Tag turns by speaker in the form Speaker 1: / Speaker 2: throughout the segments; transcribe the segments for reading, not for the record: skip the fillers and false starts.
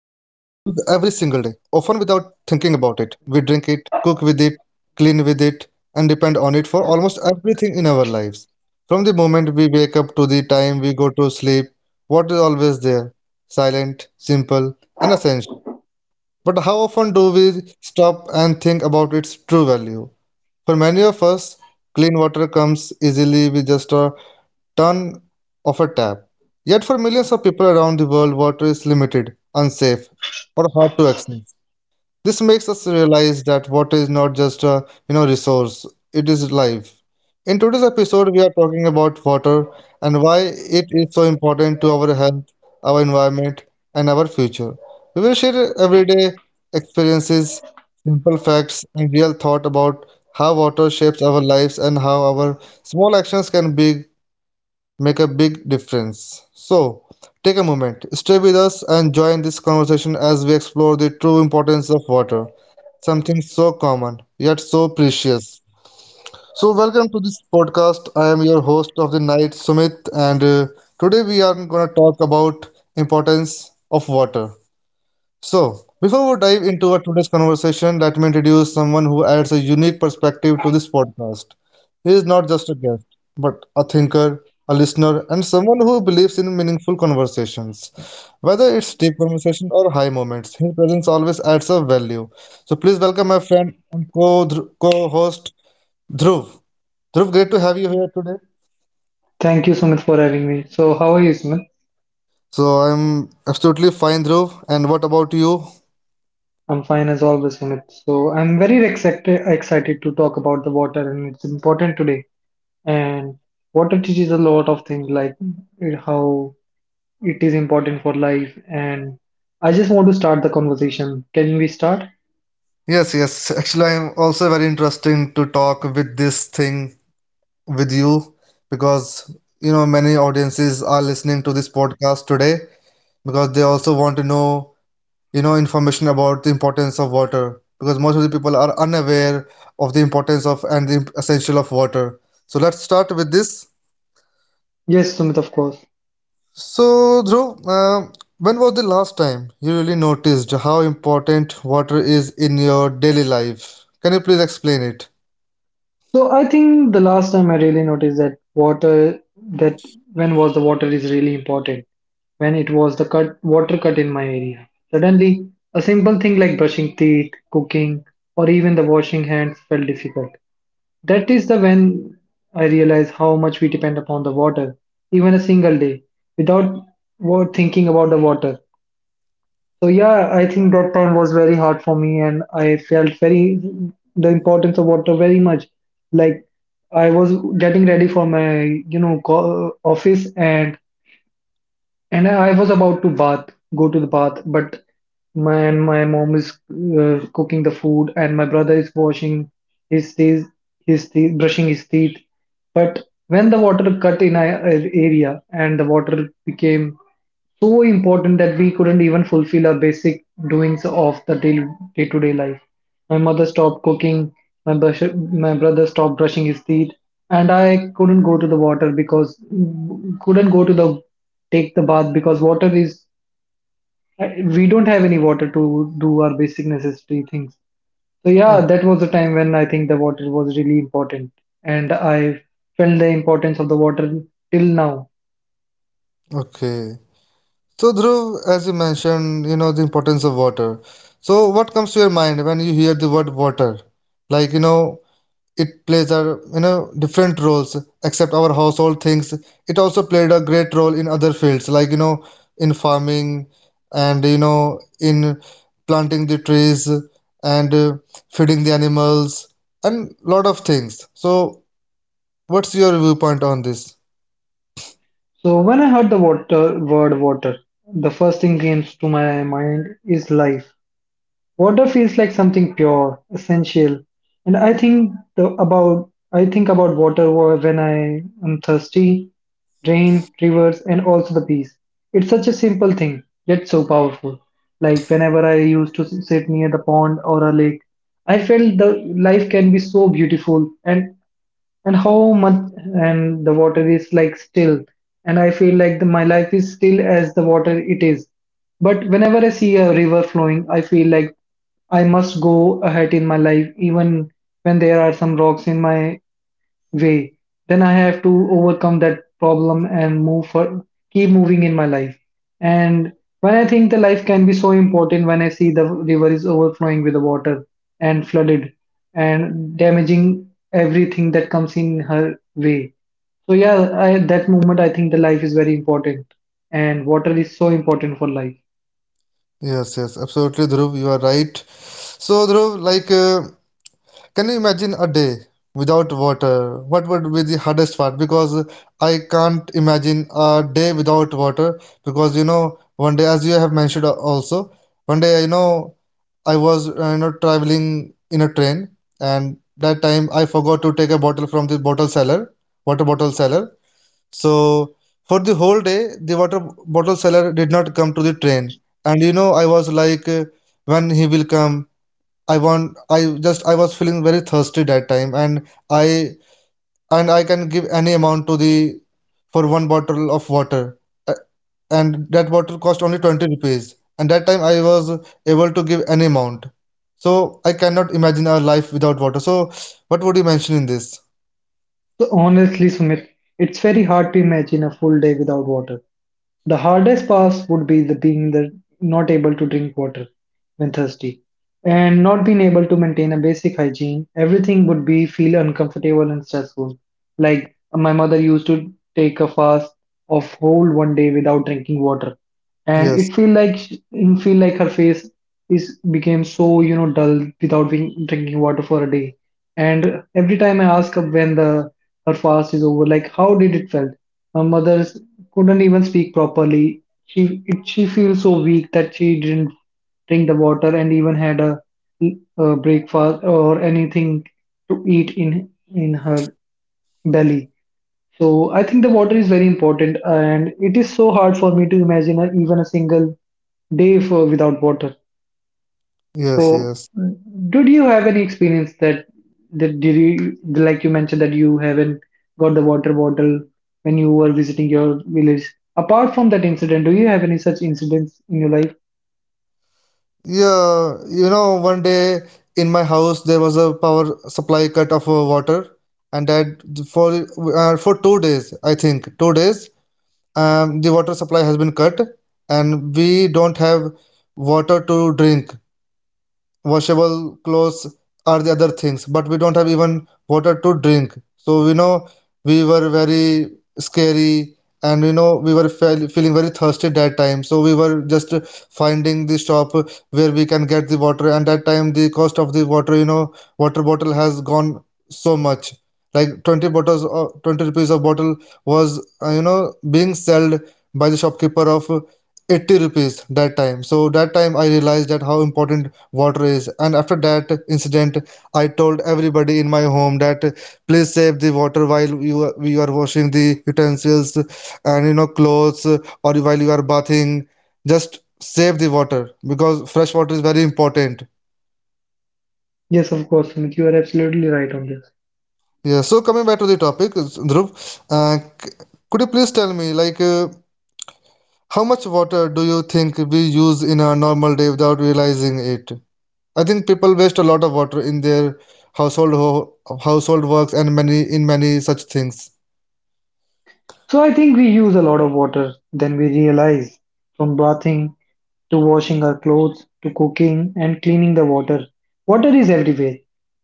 Speaker 1: day, often without thinking about it. We drink it, cook with it, clean with it, and depend on it for almost everything in our lives. From the moment we wake up to the time we go to sleep, water is always there, silent, simple, and essential. But how often do we stop and think about its true value? For many of us, clean water comes easily with just a turn of a tap. Yet for millions of people around the world, water is limited, unsafe, or hard to access. This makes us realize that water is not just a resource, it is life. In today's episode, we are talking about water and why it is so important to our health, our environment, and our future. We will share everyday experiences, simple facts, and real thought about how water shapes our lives and how our small actions can be make a big difference. So, take a moment, stay with us, and join this conversation as we explore the true importance of water, something so common yet so precious. So, welcome to this podcast. I am your host of the night, Sumit, and today we are going to talk about importance of water. So, before we dive into our today's conversation, let me introduce someone who adds a unique perspective to this podcast. He is not just a guest, but a thinker, a listener, and someone who believes in meaningful conversations. Whether it's deep conversation or high moments, his presence always adds a value. So, please welcome my friend and co host Dhruv. Dhruv, great to have you here today.
Speaker 2: Thank you, Sumit, for having me. So, how are you, Sumit?
Speaker 1: So, I'm absolutely fine, Dhruv. And what about you?
Speaker 2: I'm fine as always, Sumit. So, I'm very excited to talk about the water, and it's important today. And water teaches a lot of things, like how it is important for life. And I just want to start the conversation. Can we start?
Speaker 1: Yes, yes. Actually, I'm also very interesting to talk with this thing with you because you know many audiences are listening to this podcast today because they also want to know information about the importance of water because most of the people are unaware of the importance of and the essential of water. So let's start with this.
Speaker 2: Yes, Sumit, of course.
Speaker 1: So, Dhruv, when was the last time you really noticed how important water is in your daily life? Can you please explain it?
Speaker 2: So I think the last time I really noticed that water that when was the water is really important when it was the cut water cut in my area. Suddenly, a simple thing like brushing teeth, cooking, or even the washing hands felt difficult. That is the when I realized how much we depend upon the water. Even a single day without thinking about the water, so yeah, I think that time was very hard for me, and I felt very the importance of water very much. Like I was getting ready for my office, and I was about to bath, go to the bath, but my mom is cooking the food, and my brother is washing his teeth, his teeth, brushing his teeth. But when the water cut in our area, and the water became so important that we couldn't even fulfill our basic doings of the day, day-to-day life. My mother stopped cooking, my brother stopped brushing his teeth, and I couldn't go to the water because couldn't go to the take the bath because we don't have any water to do our basic necessity things. So yeah, that was the time when I think the water was really important, and I felt the importance of the water till now.
Speaker 1: Okay. So, Dhruv, as you mentioned, you know, the importance of water. So, what comes to your mind when you hear the word water? Like, you know, it plays a, you know, different roles except our household things. It also played a great role in other fields, like, you know, in farming and, you know, in planting the trees and feeding the animals and lot of things. So, what's your viewpoint on this?
Speaker 2: So when I heard the water word water, the first thing came to my mind is life. Water feels like something pure, essential, and I think about water when I am thirsty, rain, rivers, and also the peace. It's such a simple thing, yet so powerful. Like whenever I used to sit near the pond or a lake, I felt the life can be so beautiful and how much and the water is like still, and I feel like my life is still as the water it is, but whenever I see a river flowing, I feel like I must go ahead in my life even when there are some rocks in my way. Then I have to overcome that problem and move for keep moving in my life. And when I think the life can be so important when I see the river is overflowing with the water and flooded and damaging everything that comes in her way. So yeah, that moment I think the life is very important and water is so important for life.
Speaker 1: Yes, yes, absolutely, Dhruv. You are right. So, Dhruv, like, can you imagine a day without water? What would be the hardest part? Because I can't imagine a day without water. Because you know, one day, as you have mentioned also, one day, you know, I was you know traveling in a train, and that time I forgot to take a bottle from the bottle seller, water bottle seller, so for the whole day, the water bottle seller did not come to the train. And you know, I was like, when he will come, I just, I was feeling very thirsty that time, and and I can give any amount to the, for one bottle of water. Uh, and that bottle cost only 20 rupees. And that time I was able to give any amount. So I cannot imagine our life without water. So what would you mention in this?
Speaker 2: So honestly, Sumit, it's very hard to imagine a full day without water. The hardest pass would be the being the not able to drink water when thirsty and not being able to maintain a basic hygiene. Everything would be feel uncomfortable and stressful. Like my mother used to take a fast of whole one day without drinking water, and
Speaker 1: Yes,
Speaker 2: it feel like her face is became so you know dull without drinking water for a day. And every time I ask her when the her fast is over, like how did it felt? My mother's couldn't even speak properly. She feels so weak that she didn't drink the water and even had a breakfast or anything to eat in her belly. So I think the water is very important, and it is so hard for me to imagine even a single day for without water.
Speaker 1: yes,
Speaker 2: So,
Speaker 1: yes.
Speaker 2: did you have any experience that that did you like you mentioned that you haven't got the water bottle when you were visiting your village? Apart from that incident, do you have any such incidents in your life?
Speaker 1: Yeah, you know, one day in my house there was a power supply cut of water, and that for for 2 days, I think 2 days, the water supply has been cut, and we don't have water to drink, washable clothes are the other things, but we don't have even water to drink. So we know, we were very scary, and you know, we were feeling very thirsty that time, so we were just finding the shop where we can get the water. And that time the cost of the water, you know, water bottle has gone so much, like 20 bottles or 20 rupees of bottle was, you know, being sold by the shopkeeper of 80 rupees that time. So that time I realized that how important water is. And after that incident, I told everybody in my home that please save the water while you are washing the utensils and you know clothes or while you are bathing. Just save the water because fresh water is very important.
Speaker 2: Yes, of course, Sumit, you are absolutely right on this.
Speaker 1: Yeah, so coming back to the topic, Dhruv, could you please tell me, like, how much water do you think we use in a normal day without realizing it? I think people waste a lot of water in their household ho- household works and many in many such things.
Speaker 2: So I think we use a lot of water than we realize from bathing to washing our clothes, to cooking and cleaning the water. Water is everywhere.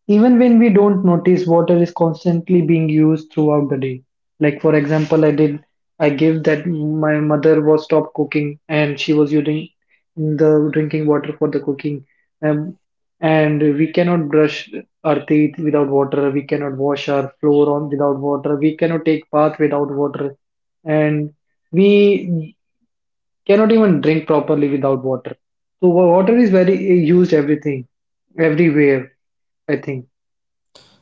Speaker 2: Even when we don't notice, water is constantly being used throughout the day. Like for example, I gave that my mother was stopped cooking and she was using the drinking water for the cooking. Um, and we cannot brush our teeth without water. We cannot wash our floor on without water. We cannot take bath without water. And we cannot even drink properly without water. So water is very used everything, everywhere. I think.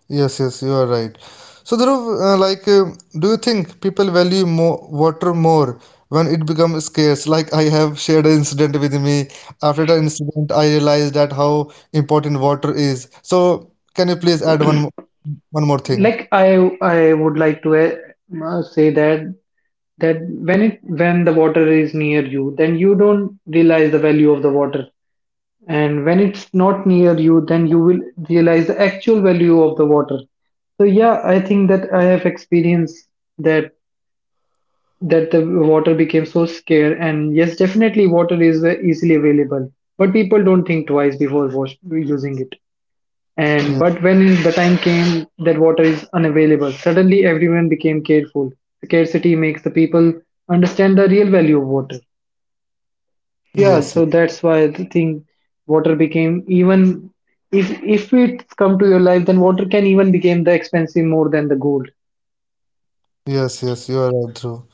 Speaker 1: Yes, yes, you are right. So, Dhruv, like, do you think people value more water more when it becomes scarce? Like, I have shared an incident with me. After the incident, I realized that how important water is. So, can you please add one more thing?
Speaker 2: Like I would like to say that that when the water is near you, then you don't realize the value of the water, and when it's not near you, then you will realize the actual value of the water. So yeah, I think that I have experienced that that the water became so scarce, and yes, definitely water is easily available, but people don't think twice before using it. And
Speaker 1: Yeah.
Speaker 2: but when the time came that water is unavailable, suddenly everyone became careful. Scarcity makes the people understand the real value of water. Yeah,
Speaker 1: Yes,
Speaker 2: so that's why I think water became even, if it come to your life, then water can even become the expensive more than the gold.
Speaker 1: yes, yes, you are right, Dhruv.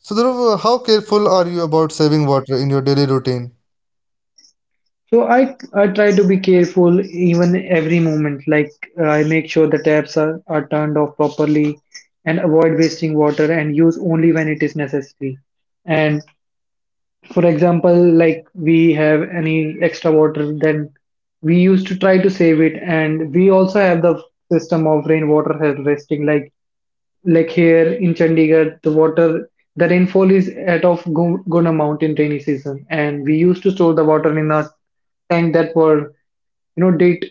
Speaker 1: So, Dhruv, how careful are you about saving water in your daily routine?
Speaker 2: So I try to be careful even every moment. Like I make sure the are turned off properly and avoid wasting water and use only when it is necessary. And for example, like we have any extra water, then we used to try to save it. And we also have the system of rainwater harvesting. Like here in Chandigarh, the rainfall is at of good amount in rainy season, and we used to store the water in a tank that were you know digged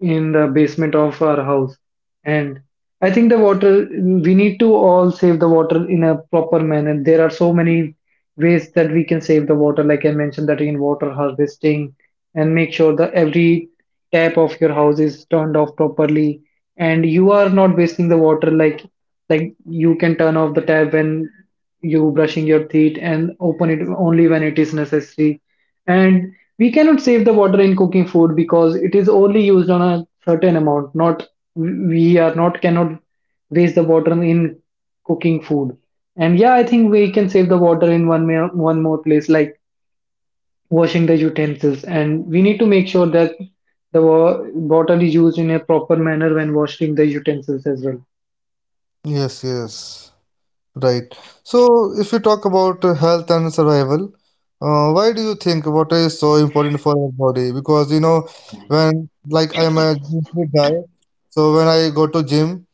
Speaker 2: in the basement of our house. And I think the water we need to all save the water in a proper manner. There are so many ways that we can save the water, like I mentioned, the rainwater harvesting, and make sure that every tap of your house is turned off properly and you are not wasting the water, like you can turn off the tab when you brushing your teeth and open it only when it is necessary. And we cannot save the water in cooking food because it is only used on a certain amount. Not we are not cannot waste the water in cooking food. And yeah, I think we can save the water in one more place, like washing the utensils, and we need to make sure that the wa- water is used in a proper manner when washing the utensils as well.
Speaker 1: Yes, yes. Right. So, if we talk about health and survival, why do you think water is so important for our body? Because you know, when like I'm a gym fit guy, so when I go to gym,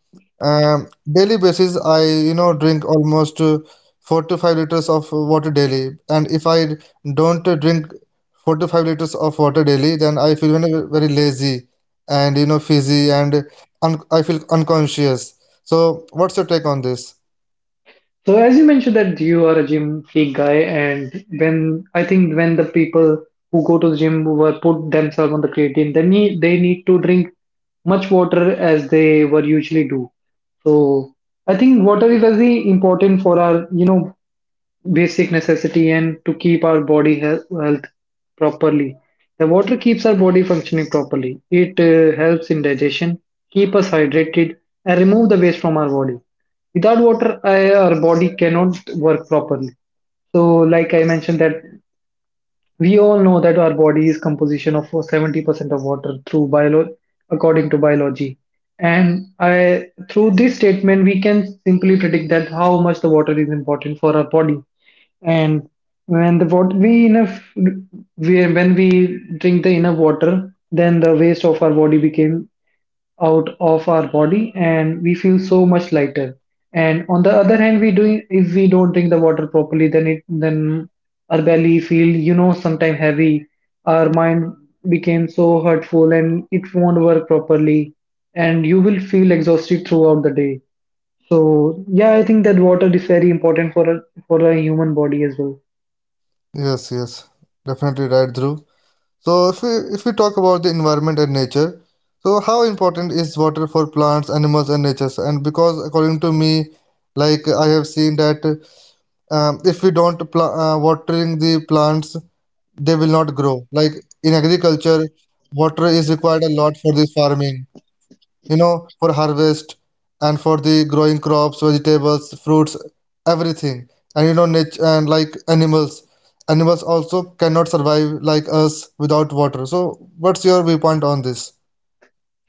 Speaker 1: um, daily basis I you know drink almost 4 to 5 liters of water daily, and if I don't drink 4 to 5 liters of water daily, then I feel very, very lazy and you know fizzy and un I feel unconscious. So, what's your take on this?
Speaker 2: So as you mentioned that you are a gym freak guy, and when I think when the people who go to the gym were put themselves on the creatine, then they need to drink much water as they were usually do. So I think water is very important for our you know basic necessity and to keep our body health properly. The water keeps our body functioning properly. It helps in digestion, keep us hydrated, and remove the waste from our body. Without water, our body cannot work properly. So, like I mentioned, that we all know that our body is composition of 70% of water through bio, according to biology. And through this statement, we can simply predict that how much the water is important for our body. And when the water we enough we when we drink the enough water, then the waste of our body became out of our body and we feel so much lighter. And on the other hand, we do if we don't drink the water properly, then our belly feel you know sometime heavy, our mind became so hurtful and it won't work properly, and you will feel exhausted throughout the day. So yeah, I think that water is very important for a human body as well.
Speaker 1: Yes, yes, definitely right, Dhruv. So if we talk about the environment and nature, so how important is water for plants, animals, and nature? And because according to me, like I have seen that if we don't watering the plants, they will not grow. Like in agriculture, water is required a lot for this farming, you know, for harvest and for the growing crops, vegetables, fruits, everything. And you know, nature and like animals, animals also cannot survive like us without water. So, what's your viewpoint on this?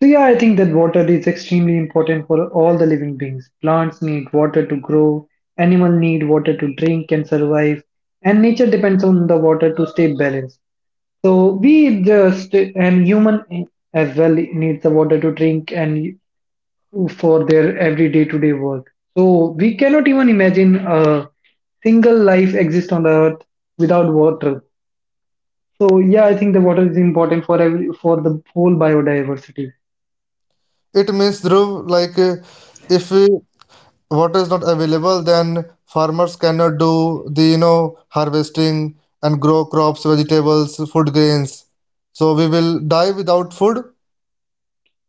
Speaker 2: So yeah, I think that water is extremely important for all the living beings. Plants need water to grow, animal need water to drink and survive, and nature depends on the water to stay balanced. So we just and human as well needs the water to drink and for their every day to day work. So we cannot even imagine a single life exist on the earth without water. So yeah, I think the water is important for every for the whole biodiversity.
Speaker 1: It means, Dhruv, like if water is not available, then farmers cannot do the you know harvesting and grow crops, vegetables, food grains. So we will die without food.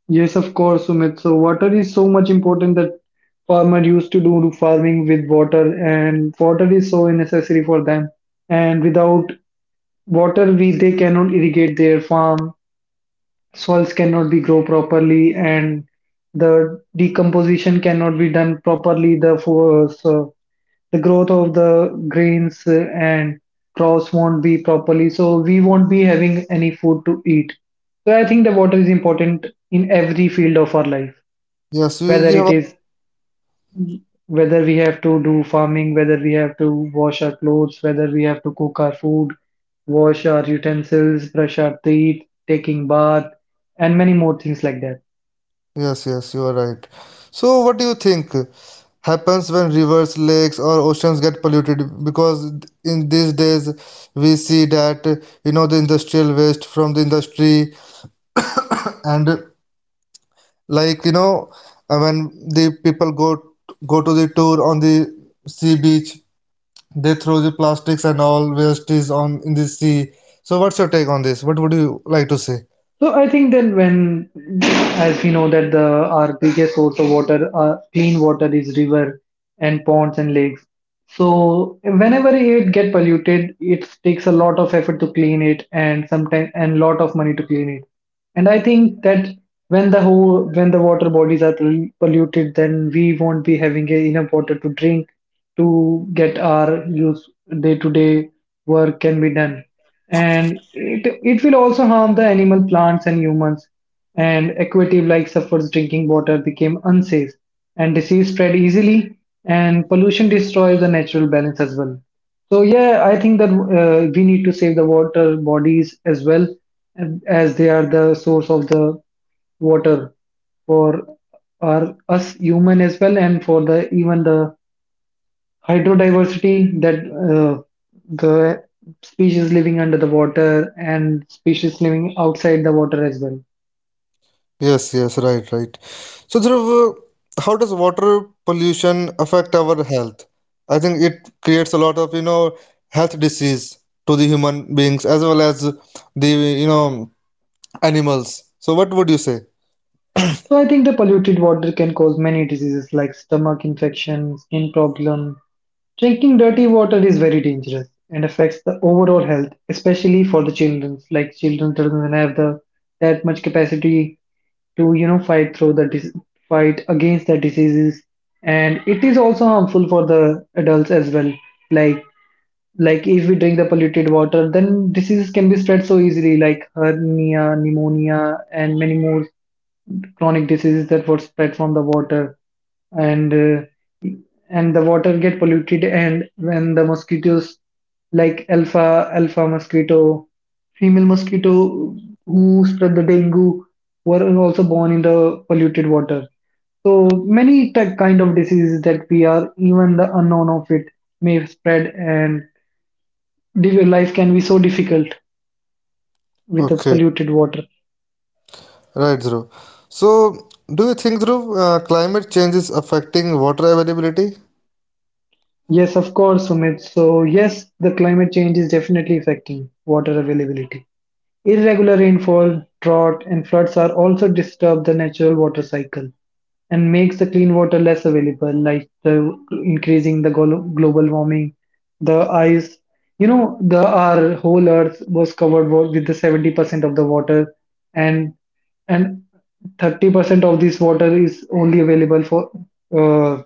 Speaker 2: Yes, of course, Sumit. So water is so much important that farmer used to do farming with water, and water is so necessary for them. And without water, we they cannot irrigate their farm, soils cannot be grow properly, and the decomposition cannot be done properly the for so the growth of the grains and crops won't be properly, so we won't be having any food to eat. So I think the water is important in every field of our life,
Speaker 1: Yes, we
Speaker 2: whether
Speaker 1: you
Speaker 2: it
Speaker 1: have
Speaker 2: is whether we have to do farming, whether we have to wash our clothes, whether we have to cook our food, wash our utensils, brush our teeth, taking bath, and many more things like that.
Speaker 1: Yes, yes, you are right. So, what do you think happens when rivers, lakes, or oceans get polluted? Because in these days, we see that you know the industrial waste from the industry, and like you know, when the people go to the tour on the sea beach, they throw the plastics and all waste is on in the sea. So, what's your take on this? What would you like to say?
Speaker 2: So I think then, as we know that the our biggest source of water, clean water, is river and ponds and lakes. So whenever it get polluted, it takes a lot of effort to clean it, and sometimes and lot of money to clean it. And I think that, when the water bodies are polluted, then we won't be having enough water to drink, to get our use, day to day work can be done. And it will also harm the animal, plants, and humans, and aquative like suffers, drinking water became unsafe, and disease spread easily, and pollution destroys the natural balance as well. So yeah, I think that, we need to save the water bodies as well, as they are the source of the water for our us human as well, and for the even the hydrodiversity, that uh, the species living under the water, and species living outside the water as well.
Speaker 1: Yes, yes, right, right. So, Dhruv, how does water pollution affect our health? I think it creates a lot of, you know, health disease to the human beings as well as the, you know, animals. So, what would you say?
Speaker 2: So I think the polluted water can cause many diseases like stomach infections, skin problem. Drinking dirty water is very dangerous and affects the overall health, especially for the children. Like children doesn't have the that much capacity to, you know, fight through the fight against the diseases, and it is also harmful for the adults as well. like like if we drink the polluted water, then diseases can be spread so easily like hernia, pneumonia, and many more chronic diseases that were spread from the water. And uh, and the water get polluted, and when the mosquitoes, like alpha mosquito, female mosquito, who spread the dengue, were also born in the polluted water. So many type, kind of diseases that we are even the unknown of it, may spread, and the life can be so difficult with the
Speaker 1: Okay,
Speaker 2: polluted water.
Speaker 1: right, Dhruv. So, do you think, Dhruv, climate change is affecting water availability?
Speaker 2: Yes, of course, Sumit. So yes, the climate change is definitely affecting water availability. Irregular rainfall, drought, and floods are also disturb the natural water cycle, and makes the clean water less available, like the increasing the global warming, the ice. You know, the our whole Earth was covered with the 70% of the water, and and 30% of this water is only available for, uh,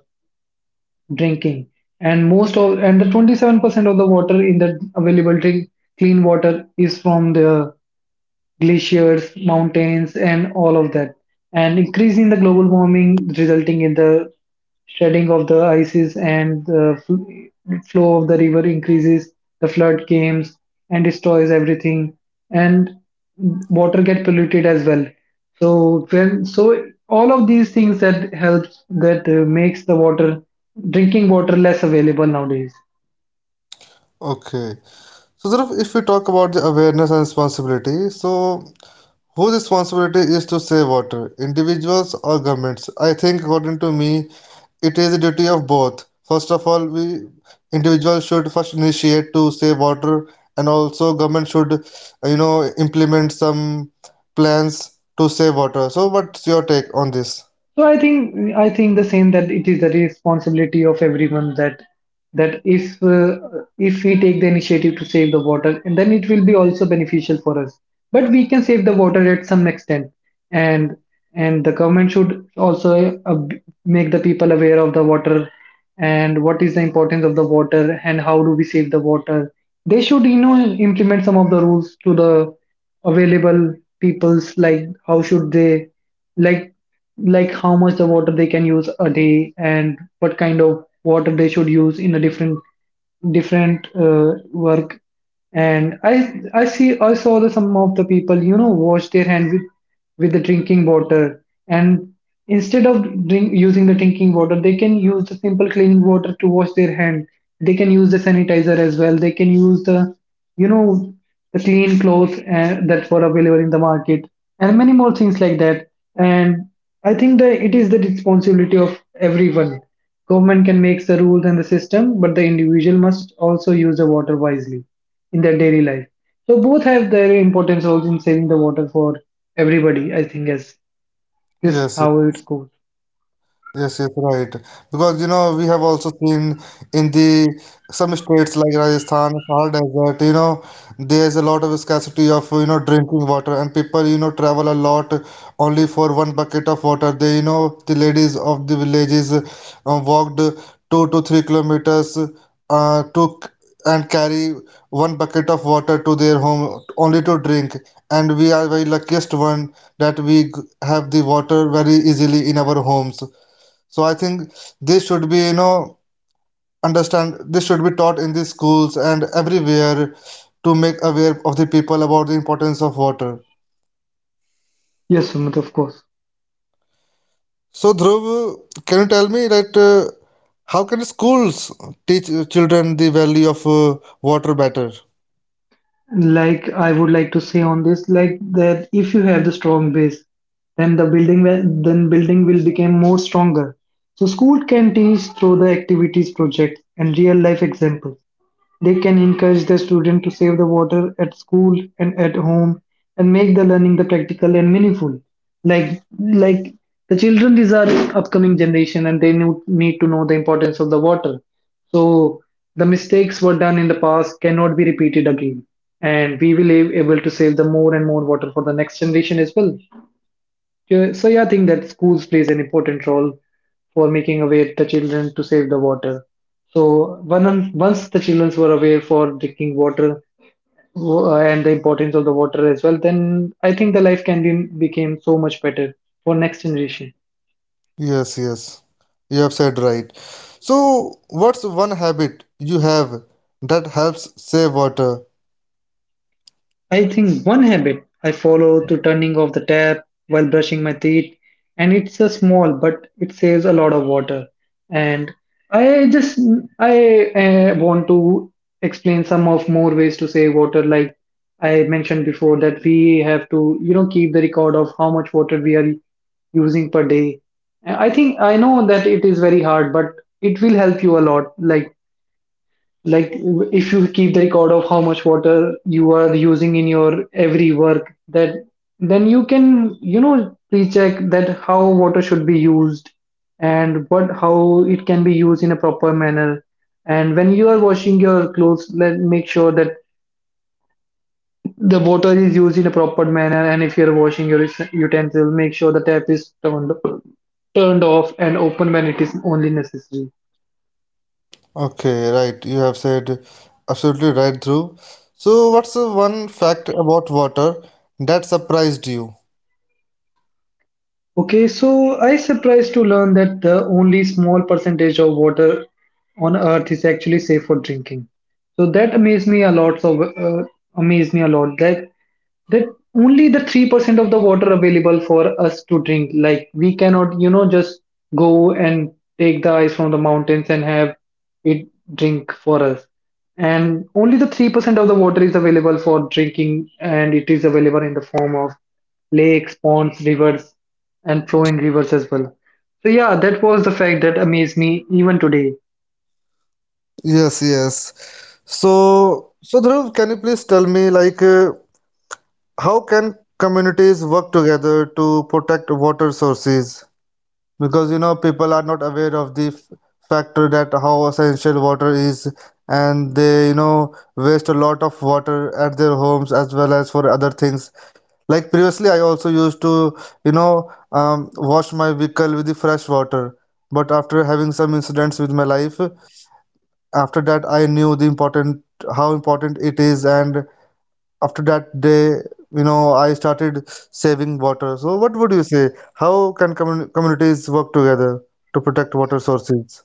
Speaker 2: drinking, and most of and the 27% of the water in the available drink clean water is from the glaciers, mountains, and all of that, and increasing the global warming, resulting in the shredding of the ices, and the flow of the river increases, the flood comes and destroys everything, and water get polluted as well. So when, so all of these things that helps that, makes the water, drinking water less available nowadays.
Speaker 1: Okay. So, Dhruv, if we talk about the awareness and responsibility, so whose responsibility is to save water, individuals or governments? I think, according to me, it is the duty of both. First of all, we individuals should first initiate to save water, and also government should, you know, implement some plans to save water. So, what's your take on this?
Speaker 2: So I think the same, that it is the responsibility of everyone, that, that if uh, if we take the initiative to save the water, and then it will be also beneficial for us. But we can save the water at some extent, and the government should also, make the people aware of the water and what is the importance of the water and how do we save the water. They should, you know, implement some of the rules to the available people's, like how should they, like like how much the water they can use a day, and what kind of water they should use in a different, different work. And I see, I saw the some of the people, you know, wash their hands with the drinking water, and instead of drink, using the drinking water, they can use the simple clean water to wash their hand. They can use the sanitizer as well, they can use the, you know, the clean clothes, that were available in the market, and many more things like that. And I think that it is the responsibility of everyone. Government can make the rules and the system, but the individual must also use the water wisely in their daily life. So both have their important roles in saving the water for everybody. I think yes, this is
Speaker 1: Yes,
Speaker 2: how it goes.
Speaker 1: yes, yes, right. Because you know we have also seen in the some states like Rajasthan, Thar Desert, you know, there's a lot of scarcity of you know drinking water, and people you know travel a lot only for one bucket of water. They you know the ladies of the villages walked 2 to 3 kilometers uh, to c- and carry one bucket of water to their home only to drink. And we are very luckiest one that have the water very easily in our homes. So I think this should be, you know, understand, this should be taught in the schools and everywhere to make aware of the people about the importance of water.
Speaker 2: Yes, Sumit, of course.
Speaker 1: So Dhruv, can you tell me that how can schools teach children the value of water better?
Speaker 2: Like I would like to say on this, like that if you have the strong base, then the building will become more stronger. So school can teach through the activities project and real life examples. They can encourage the student to save the water at school and at home, and make the learning the practical and meaningful. Like the children, these are upcoming generation, and they need to know the importance of the water. So the mistakes were done in the past cannot be repeated again. And we will be able to save the more and more water for the next generation as well. Yeah, so yeah, I think that schools plays an important role for making aware the children to save the water. So once the children were aware for drinking water and the importance of the water as well, then I think the life can be became so much better for next generation.
Speaker 1: Yes, yes, you have said right. So what's one habit you have that helps save water?
Speaker 2: I think one habit I follow to turning off the tap while brushing my teeth, and it's a small but it saves a lot of water. And I just I want to explain some of more ways to save water. Like I mentioned before, that we have to, you know, keep the record of how much water we are using per day. I think I know that it is very hard, but it will help you a lot. Like if you keep the record of how much water you are using in your every work, that then you can, you know, pre-check that how water should be used, and what how it can be used in a proper manner. And when you are washing your clothes, let make sure that the water is used in a proper manner, and if you are washing your utensils, make sure the tap is turned off and open when it is only necessary.
Speaker 1: Okay, right. You have said absolutely right, Dhruv. So, what's the one fact about water that surprised you?
Speaker 2: Okay, so I surprised to learn that the only small percentage of water on Earth is actually safe for drinking. So that amazed me a lot. Amazed me a lot. That only the 3% of the water available for us to drink, like we cannot, you know, just go and take the ice from the mountains and have it, drink for us, and only the 3% of the water is available for drinking, and it is available in the form of lakes, ponds, rivers, and flowing rivers as well. So yeah, that was the fact that amazed me even today.
Speaker 1: Yes, yes. So, so Dhruv, can you please tell me, like, how can communities work together to protect water sources? Because you know, people are not aware of the factor that how essential water is, and they, you know, waste a lot of water at their homes as well as for other things. Like previously I also used to, you know, wash my vehicle with the fresh water, but after having some incidents with my life, after that I knew the important how important it is. And after that day, you know, I started saving water. So what would you say, how can communities work together to protect water sources?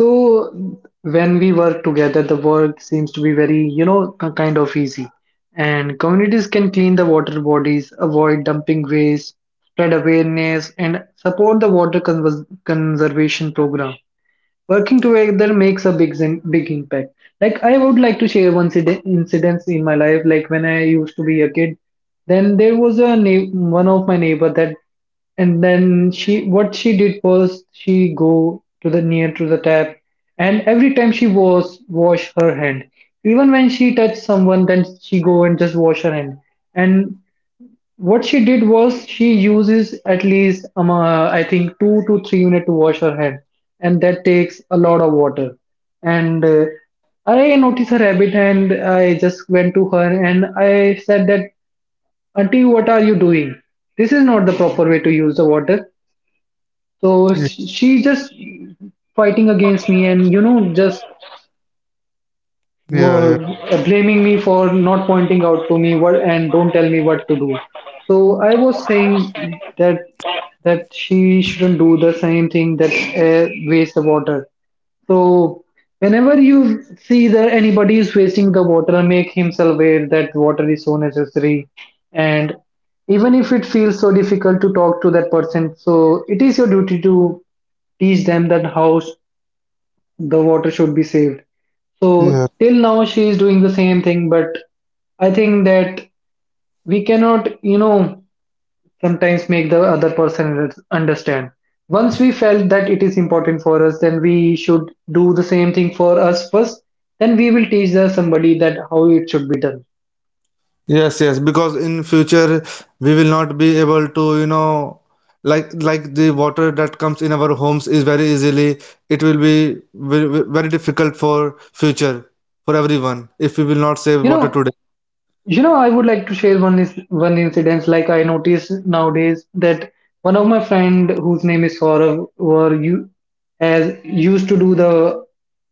Speaker 2: So when we work together, the work seems to be very, you know, kind of easy. And communities can clean the water bodies, avoid dumping waste, spread awareness, and support the water conservation program. Working together makes a big impact. Like, I would like to share one incidents in my life, like when I used to be a kid, then there was a one of my neighbor, that, and then she, what she did was, she go to the near to the tap, and every time she was wash her hand, even when she touched someone, then she go and just wash her hand. And what she did was, she uses at least I think 2 to 3 minutes to wash her head, and that takes a lot of water. And I noticed her habit, and I just went to her and I said that, Auntie, what are you doing? This is not the proper way to use the water. So
Speaker 1: yeah
Speaker 2: she just fighting against me, and you know, just
Speaker 1: yeah
Speaker 2: were,
Speaker 1: yeah,
Speaker 2: blaming me for not pointing out to me what, and don't tell me what to do. So I was saying that, she shouldn't do the same thing, that air waste the water. So whenever you see that anybody is wasting the water, make himself aware that water is so necessary. And even if it feels so difficult to talk to that person, so it is your duty to teach them that how the water should be saved. So
Speaker 1: yeah.
Speaker 2: till now she is doing the same thing. But I think that we cannot, you know, sometimes make the other person understand. Once we felt that it is important for us, then we should do the same thing for us first. Then we will teach the somebody that how it should be done.
Speaker 1: Yes, yes, because in future we will not be able to, you know, like the water that comes in our homes is very easily, it will be very, very difficult for future for everyone if we will not save
Speaker 2: You
Speaker 1: water
Speaker 2: know,
Speaker 1: today.
Speaker 2: You know, I would like to share one incident. Like I noticed nowadays that one of my friend whose name is Saurav, were you, has used to do the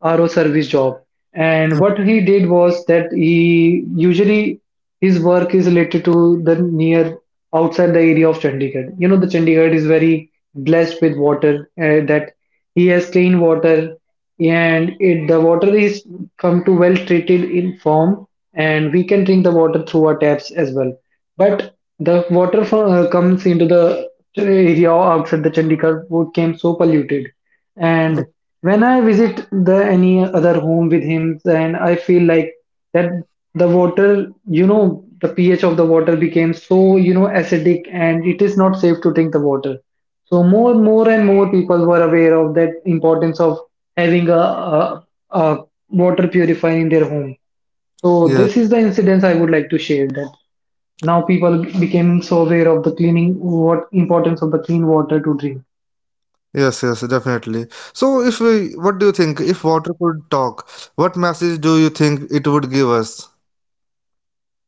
Speaker 2: RO service job. And
Speaker 1: Mm,
Speaker 2: what he did was that he usually, his work is related to the near outside the area of Chandigarh. You know, the Chandigarh is very blessed with water, that he has clean water, and it, the water is come to well treated in form, and we can drink the water through our taps as well. But the water from, comes into the area outside the Chandigarh, would came so polluted, and
Speaker 1: mm.
Speaker 2: when I visit the any other home with him, and I feel like that the water, you know, the pH of the water became so, you know, acidic, and it is not safe to drink the water. So more and more people were aware of that importance of having a water purifier in their home. So
Speaker 1: Yes,
Speaker 2: this is the incidence I would like to share, that now people became so aware of the cleaning, what importance of the clean water to drink.
Speaker 1: yes, yes, definitely. So if we, what do you think? If water could talk, what message do you think it would give us?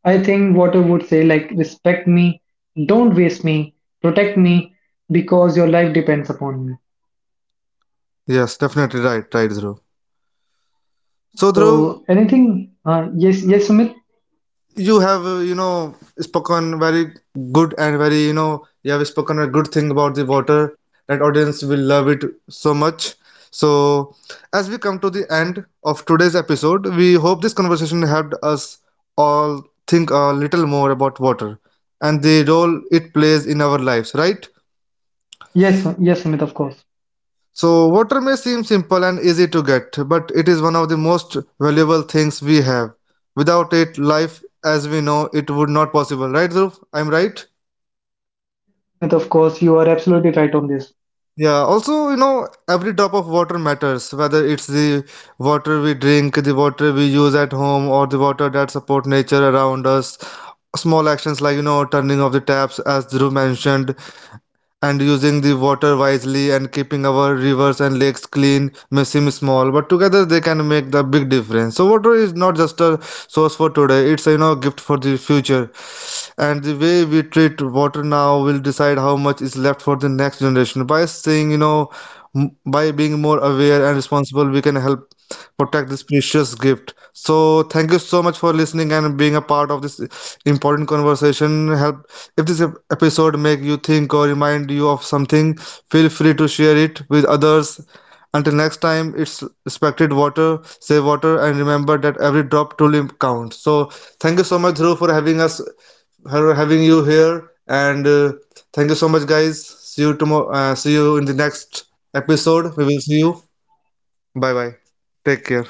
Speaker 2: I think water would say like, respect me, don't waste me, protect me, because your life depends upon me.
Speaker 1: Yes, definitely right, right, Dhruv. So Dhruv,
Speaker 2: So anything? Yes, yes, Sumit.
Speaker 1: you have you know spoken very good and very you know you have spoken a good thing about the water that audience will love it so much. So as we come to the end of today's episode, we hope this conversation helped us all think a little more about water and the role it plays in our lives, right?
Speaker 2: Yes, yes, Sumit. Of course.
Speaker 1: So water may seem simple and easy to get, but it is one of the most valuable things we have. Without it, life as we know it would not possible, right, Dhruv, I'm right?
Speaker 2: Yes, Sumit. Of course, you are absolutely right on this.
Speaker 1: Yeah, also, you know, every drop of water matters, whether it's the water we drink, the water we use at home, or the water that support nature around us. Small actions like, you know, turning off the taps, as Dhruv mentioned, and using the water wisely and keeping our rivers and lakes clean may seem small, but together they can make the big difference. So water is not just a source for today, it's, a, you know, a gift for the future, and the way we treat water now will decide how much is left for the next generation. By saying, you know, by being more aware and responsible, we can help protect this precious gift. So thank you so much for listening and being a part of this important conversation. Help if this episode make you think or remind you of something, feel free to share it with others. Until next time, it's respected water, save water, and remember that every drop truly counts. So thank you so much, Dhruv, for having us for having you here. And thank you so much, guys. See you tomorrow. See you in the next episode. We will see you. Bye bye. Take care.